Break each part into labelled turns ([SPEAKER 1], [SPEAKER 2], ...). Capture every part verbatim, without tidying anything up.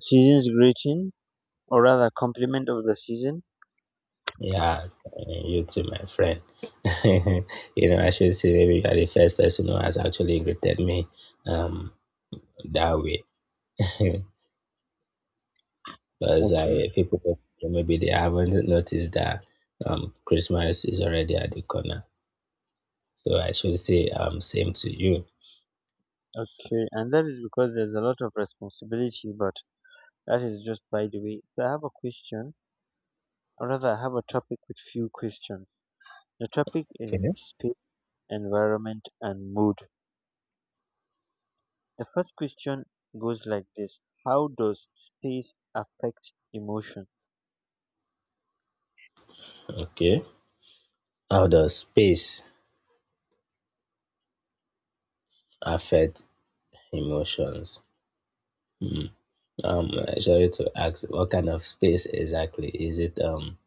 [SPEAKER 1] Season's greeting, or rather compliment of the season.
[SPEAKER 2] Yeah, uh, you too, my friend. you know, I should say maybe you are the first person who has actually greeted me um that way, because
[SPEAKER 1] Okay.
[SPEAKER 2] I people maybe they haven't noticed that um Christmas is already at the corner. So I should say um same to you.
[SPEAKER 1] Okay, and that is because there's a lot of responsibility, but that is just by the way. So I have a question, or rather I have a topic with few questions. The topic is
[SPEAKER 2] Okay.
[SPEAKER 1] space, environment, and mood. The first question goes like this: how does space affect emotion?
[SPEAKER 2] Okay. How does space affect emotions? Hmm. Um, Sorry to ask, what kind of space exactly is it? Um,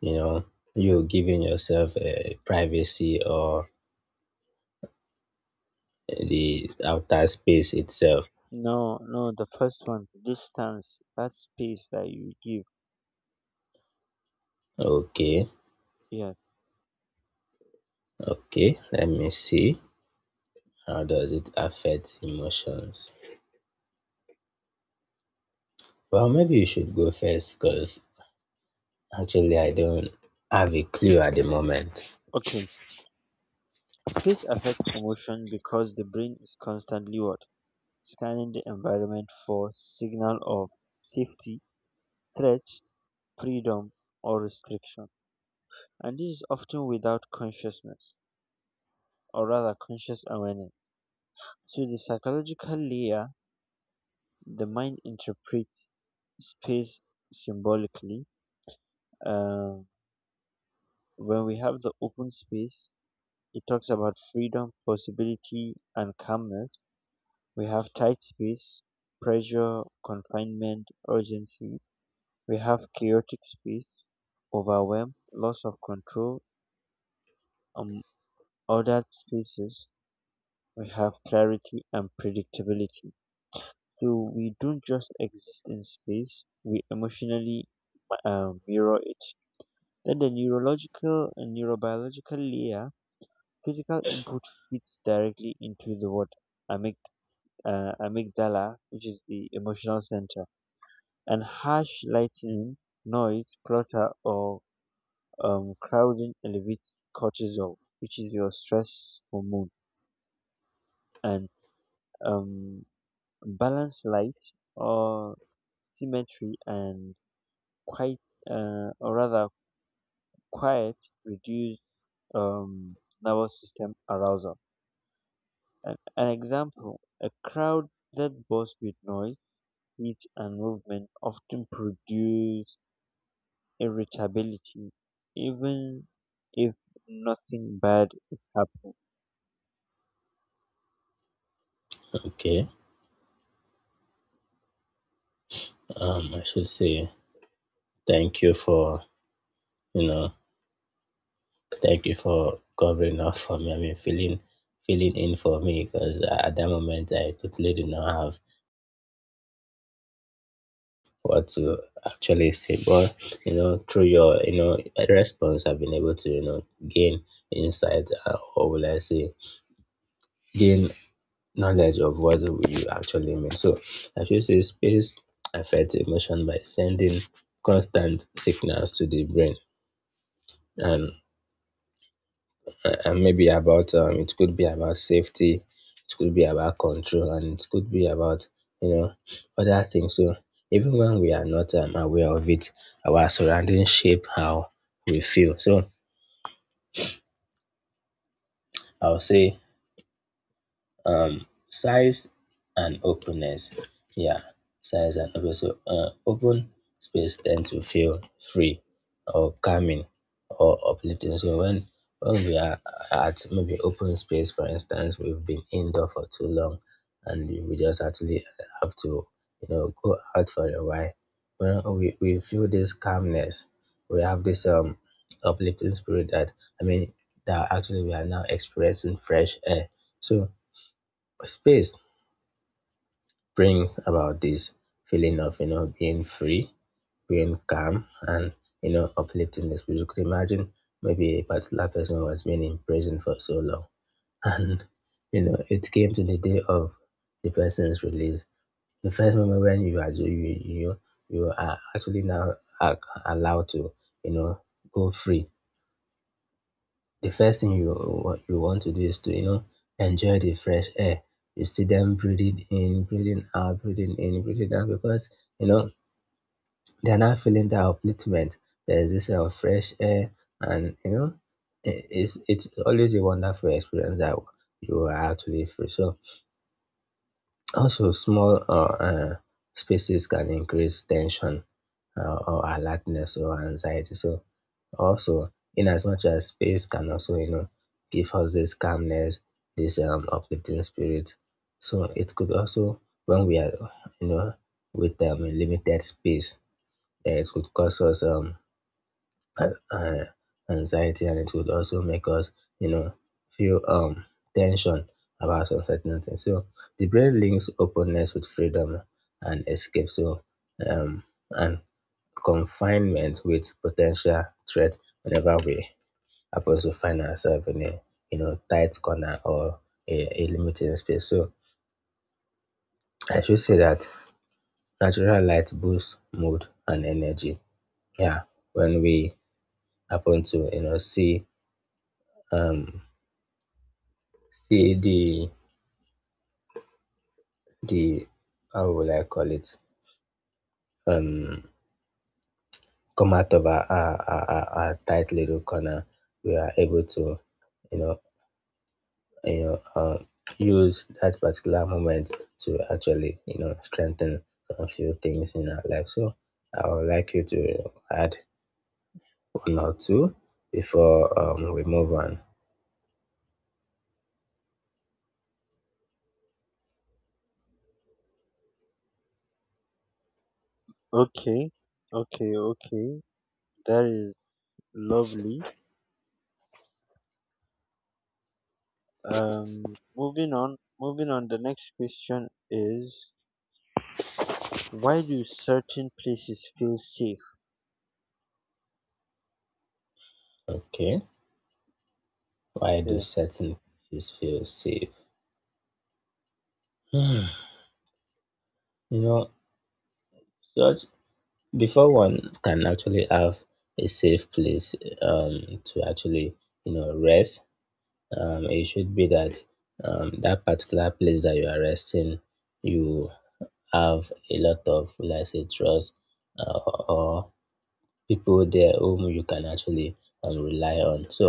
[SPEAKER 2] You know, you're giving yourself a privacy, or the outer space itself?
[SPEAKER 1] No, no, the first one, distance, that space that you give.
[SPEAKER 2] Okay.
[SPEAKER 1] Yeah.
[SPEAKER 2] Okay, let me see. How does it affect emotions? Well, maybe you should go first, because actually I don't have a clue at the moment.
[SPEAKER 1] Okay. Space affects emotion because the brain is constantly what? Scanning the environment for signal of safety, threat, freedom, or restriction. And this is often without consciousness, or rather conscious awareness. So the psychological layer, the mind interprets space symbolically. Uh, when we have the open space, it talks about freedom, possibility, and calmness. We have tight space, pressure, confinement, urgency. We have chaotic space, overwhelm, loss of control. Um, ordered spaces, we have clarity and predictability. So we don't just exist in space, we emotionally uh, mirror it. Then the neurological and neurobiological layer, physical input fits directly into the what? Amyg- uh, amygdala, which is the emotional center. And harsh lighting, noise, clutter, or um, crowding elevates cortisol, which is your stress hormone, and um, balanced light or symmetry and quite, uh, or rather quiet, reduce um, nervous system arousal. An, an example: a crowd that bursts with noise, heat, and movement often produce irritability even if nothing bad is happening.
[SPEAKER 2] Okay. um I should say thank you for, you know thank you for covering up for me. I mean, filling filling in for me, because at that moment I totally did not have what to actually say. But you know, through your, you know response, I've been able to, you know gain insight, uh, or will I say, gain knowledge of what you actually mean. So I should say space affects emotion by sending constant signals to the brain, and uh, and maybe about, um, it could be about safety, it could be about control, and it could be about, you know other things. So even when we are not, um, aware of it, our surroundings shape how we feel. So I'll say size and openness. Yeah, size and openness. So, uh, open space tend to feel free or calming or uplifting. So when when we are at maybe open space, for instance, we've been indoor for too long, and we just actually have to, you know go out for a while. When we we feel this calmness, we have this um uplifting spirit that, I mean that actually we are now experiencing fresh air. So space brings about this feeling of, you know being free, being calm, and, you know uplifting the spirit. You could imagine maybe a particular person was been in prison for so long, and you know it came to the day of the person's release. The first moment when you are you you you you are actually now a- allowed to, you know go free, the first thing you what you want to do is to, you know enjoy the fresh air. You see them breathing in, breathing out, breathing in, breathing out, because you know they're not feeling the upliftment. There's this uh, fresh air, and you know i- it's it's always a wonderful experience that you are actually free. So also, small or uh, spaces can increase tension, uh, or alertness or anxiety. So, also, in as much as space can also, you know, give us this calmness, this um, uplifting spirit. So, it could also, when we are, you know, with, um, a limited space, eh, it could cause us, um, and uh, anxiety, and it would also make us, you know, feel um tension about some certain things. So the brain links openness with freedom and escape. So um and confinement with potential threat whenever we happen to find ourselves in a, you know tight corner or a, a limited space. So I should say that natural light boosts mood and energy. Yeah, when we happen to, you know see um see the the how will I call it, um come out of our our, our, our our tight little corner, we are able to, you know you know uh, use that particular moment to actually, you know strengthen a few things in our life. So I would like you to, you know, add one or two before, um, we move on.
[SPEAKER 1] Okay, okay, okay. That is lovely. Um, moving on, moving on. The next question is, why do certain places feel safe?
[SPEAKER 2] Okay, why do
[SPEAKER 1] Yeah.
[SPEAKER 2] certain places feel safe? Hmm. You know, Such, before one can actually have a safe place, um, to actually, you know rest, um, it should be that, um, that particular place that you are resting, you have a lot of, let's say, trust, uh, or people there whom you can actually, um, rely on. So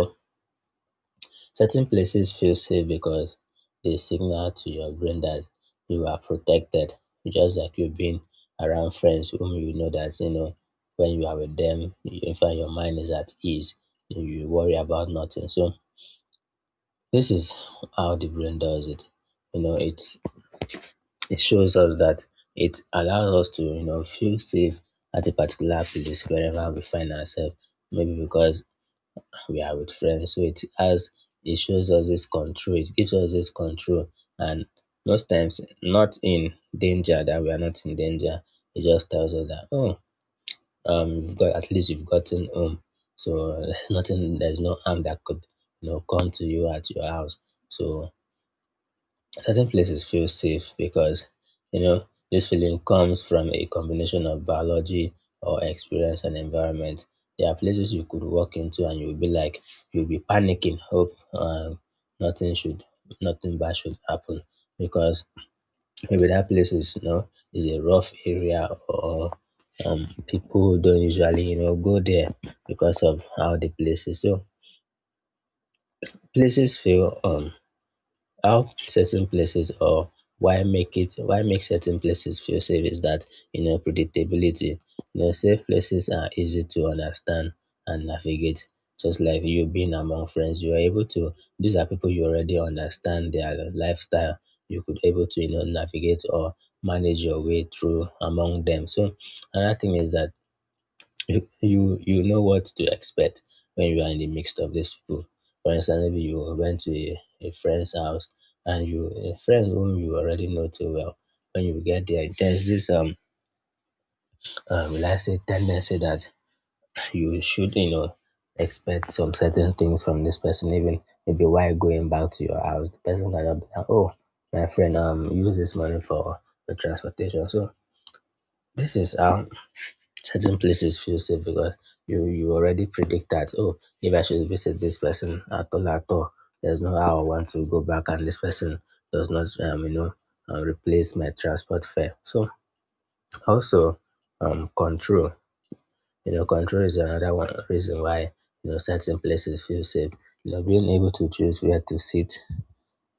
[SPEAKER 2] certain places feel safe because they signal to your brain that you are protected, just like you being around friends whom you know that, you know when you are with them, in fact, your mind is at ease, you you worry about nothing. So this is how the brain does it. You know, it it shows us that it allows us to, you know feel safe at a particular place wherever we find ourselves. Maybe because we are with friends. So it has it shows us this control, it gives us this control. And most times not in danger, that we are not in danger. It just tells us that, oh, um you've got, at least you've gotten home. So there's nothing there's no harm that could, you know come to you at your house. So certain places feel safe because, you know, this feeling comes from a combination of biology or experience and environment. There are places you could walk into and you'll be like, you'll be panicking, hope, um, nothing should, nothing bad should happen, because maybe that place is, you know, is a rough area, or, um, people don't usually, you know, go there because of how the place is. So places feel, um how certain places or why make it, why make certain places feel safe is that, you know, predictability. You know, safe places are easy to understand and navigate, just like you being among friends. You are able to, these are people you already understand their lifestyle, you could able to, you know, navigate or manage your way through among them. So another thing is that you you you know what to expect when you are in the midst of these people. For instance, maybe you went to a, a friend's house, and you, a friend whom you already know too well. When you get there, there's this um uh, will I say tendency that you should, you know, expect some certain things from this person. Even maybe while going back to your house, the person cannot be like, oh, my friend, um use this money for the transportation. So this is how certain places feel safe, because you you already predict that, oh, if I should visit this person at all at all, there's no how I want to go back and this person does not, um you know uh, replace my transport fare. So also, um control, you know, control is another one reason why, you know, certain places feel safe. You know, being able to choose where to sit,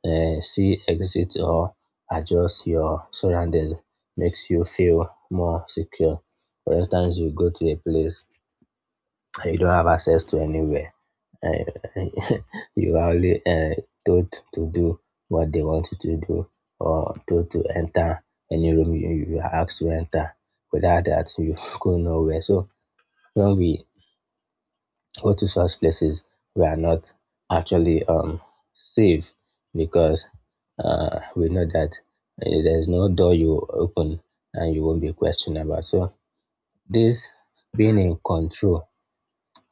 [SPEAKER 2] uh, see exit or adjust your surroundings makes you feel more secure. For instance, you go to a place you don't have access to anywhere. Uh, you are only, uh, told to do what they want you to do, or told to enter any room you, you are asked to enter. Without that, you go nowhere. So when we go to such places, we are not actually, um, safe, because, uh, we know that, uh, there's no door you open and you won't be questioned about. So this being in control,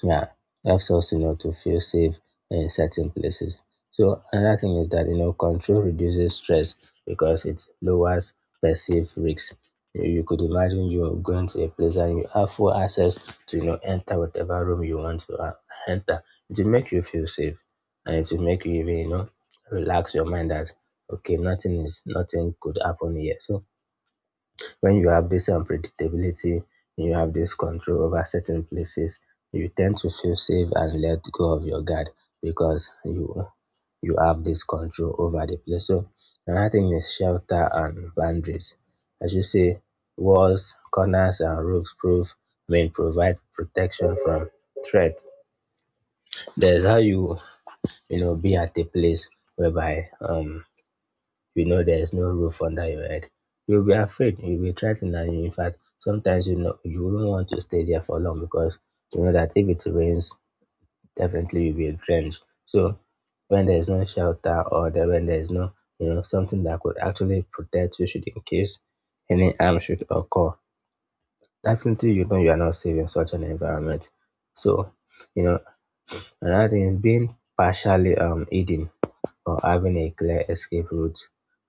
[SPEAKER 2] yeah, helps us, you know, to feel safe in certain places. So another thing is that, you know, control reduces stress because it lowers perceived risks. You you could imagine you going to a place and you have full access to, you know, enter whatever room you want to, uh, enter. It will make you feel safe, and it will make you even, you know, relax your mind that, okay, nothing is nothing could happen here. So when you have this unpredictability, you have this control over certain places, you tend to feel safe and let go of your guard, because you you have this control over the place. So another thing is shelter and boundaries. As you say, walls, corners, and roofs prove, I mean provide protection from threats. There's how you, you know be at a place whereby, um you know there is no roof under your head. You'll be afraid, you'll be threatened, and in fact, sometimes, you know, you wouldn't want to stay there for long because, you know, that if it rains, definitely you'll be drenched. So when there is no shelter, or there, when there is no, you know, something that could actually protect you should in case any harm should occur, definitely, you know, you are not safe in such an environment. So, you know another thing is being partially, um, hidden or having a clear escape route,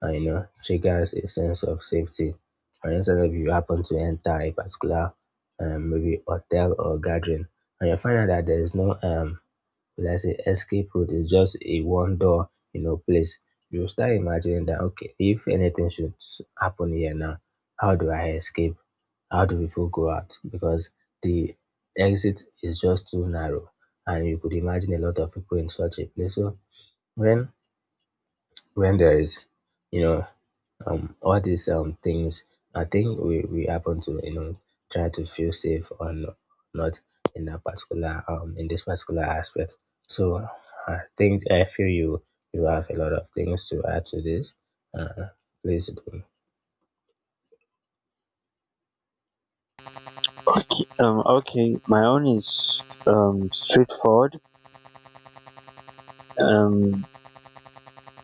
[SPEAKER 2] uh, you know, triggers a sense of safety. For instance, if you happen to enter a particular, um, maybe hotel or gathering, and you find out that there is no, um, let's say, escape route, it's just a one door, you know, place. You start imagining that, okay, if anything should happen here now, how do I escape? How do people go out? Because the exit is just too narrow, and you could imagine a lot of people in such a place. So when when there is, you know, um, all these um things, I think we we happen to you know try to feel safe or no- not in that particular um in this particular aspect. So I think I feel you you have a lot of things to add to this. Uh, Please do.
[SPEAKER 1] Okay. Um. Okay. My own is um straightforward. Um,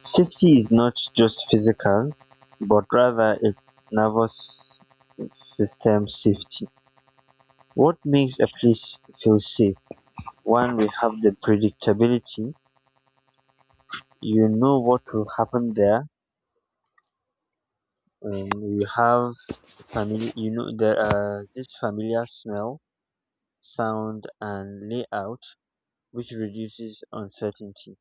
[SPEAKER 1] safety is not just physical, but rather it's nervous system safety. What makes a place feel safe? One, we have the predictability. You know what will happen there. Um, you have family. You know there are this familiar smell, sound, and layout, which reduces uncertainty.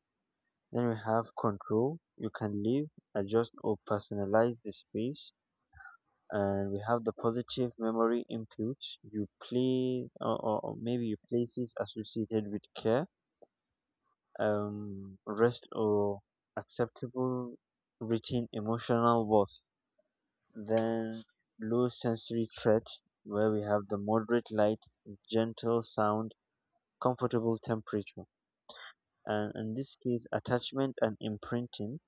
[SPEAKER 1] Then we have control. You can leave, adjust, or personalize the space. And we have the positive memory input. You play, or, or or maybe you places associated with care, um, rest, or acceptable routine emotional worth. Then low sensory threat, where we have the moderate light, gentle sound, comfortable temperature. And in this case, attachment and imprinting,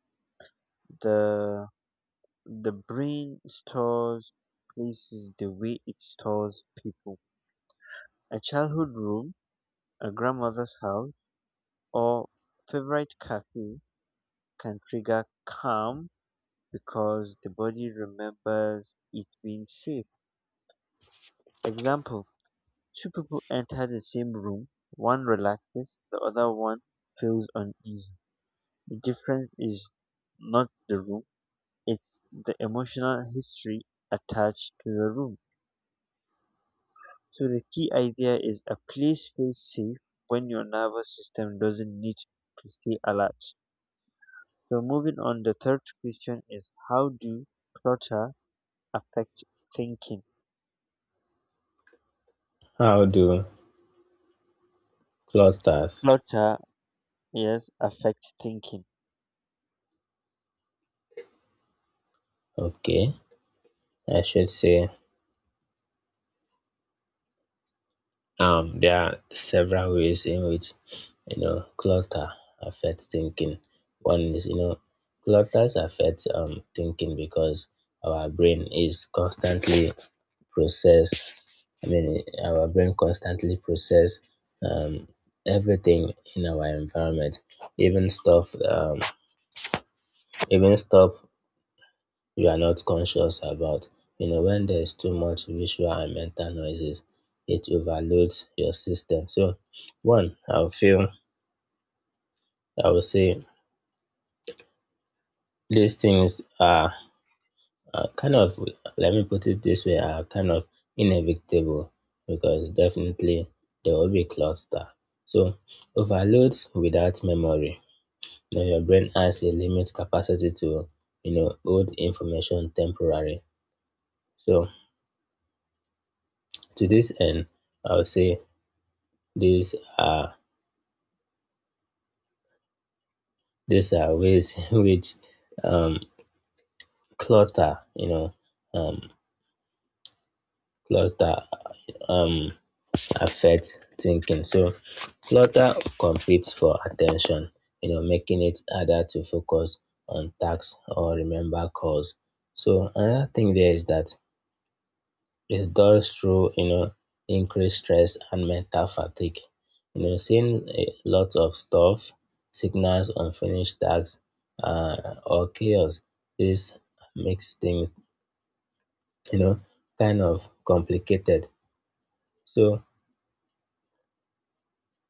[SPEAKER 1] the the brain stores places the way it stores people. A childhood room, a grandmother's house, or favorite cafe can trigger calm because the body remembers it being safe. Example: two people enter the same room, one relaxes, the other one feels uneasy. The difference is not the room, it's the emotional history attached to the room. So the key idea is, a place feels safe when your nervous system doesn't need to stay alert. So moving on, the third question is, how do clutter affect thinking?
[SPEAKER 2] How do clusters?
[SPEAKER 1] Clutter. Yes, affect thinking.
[SPEAKER 2] Okay, I should say um, there are several ways in which you know clutter affects thinking. One is you know clutter affects um thinking because our brain is constantly process. I mean, our brain constantly process um everything in our environment, even stuff um even stuff you are not conscious about. You know, when there is too much visual and mental noises, it overloads your system. So, one, I would feel, I would say these things are, are kind of, let me put it this way, are kind of inevitable because definitely there will be cluster. So, overloads without memory. You know, your brain has a limit capacity to, you know, hold information temporarily. So, to this end, I would say These are these are ways which um, clutter, you know, um, clutter um, affects thinking. So clutter competes for attention, you know, making it harder to focus on tasks or remember calls. So another thing there is that it does through, you know, increased stress and mental fatigue. You know, seeing a lot of stuff signals unfinished tasks uh, or chaos. This makes things, you know, kind of complicated. So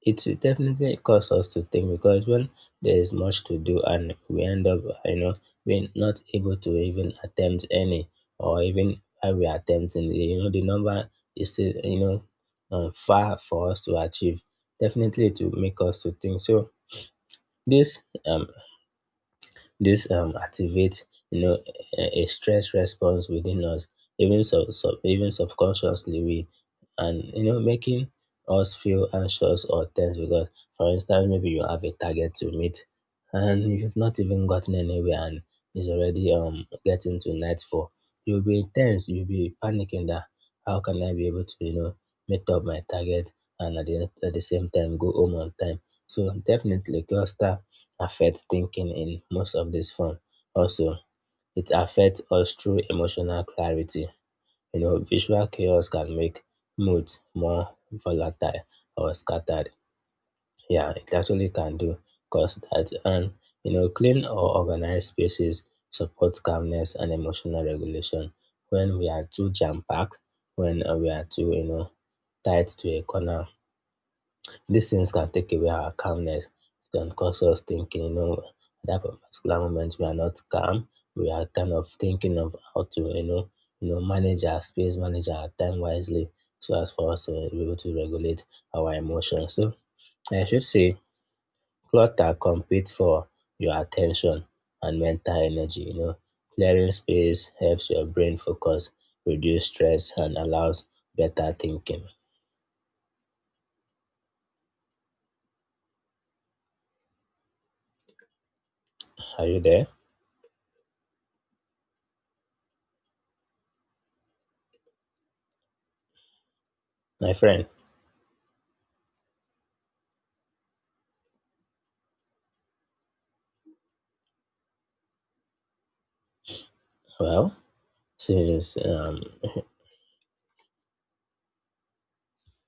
[SPEAKER 2] it will definitely cause us to think because when there is much to do and we end up, you know, being not able to even attempt any, or even when we are attempting, you know, the number is still, you know, um, far for us to achieve. Definitely, to make us to think. So this um, this um activates you know a, a stress response within us, even so, so even subconsciously we and you know making us feel anxious or tense because for instance maybe you have a target to meet and you've not even gotten anywhere and it's already um getting to nightfall. You'll be tense, you'll be panicking that how can I be able to, you know, meet up my target and at the, at the same time go home on time. So definitely cluster affects thinking in most of this form. Also, it affects us through emotional clarity. You know, visual chaos can make moods more volatile or scattered. Yeah, it actually can do cause that. And you know, clean or organized spaces support calmness and emotional regulation. When we are too jam-packed, when uh, we are too, you know, tied to a corner these things can take away our calmness. It can cause us thinking, you know, at that particular moment we are not calm. We are kind of thinking of how to, you know, you know, manage our space, manage our time wisely, so as for us to be able to regulate our emotions. So I should say clutter competes for your attention and mental energy. You know, clearing space helps your brain focus, reduce stress, and allows better thinking. Are you there, my friend? Well, serious um,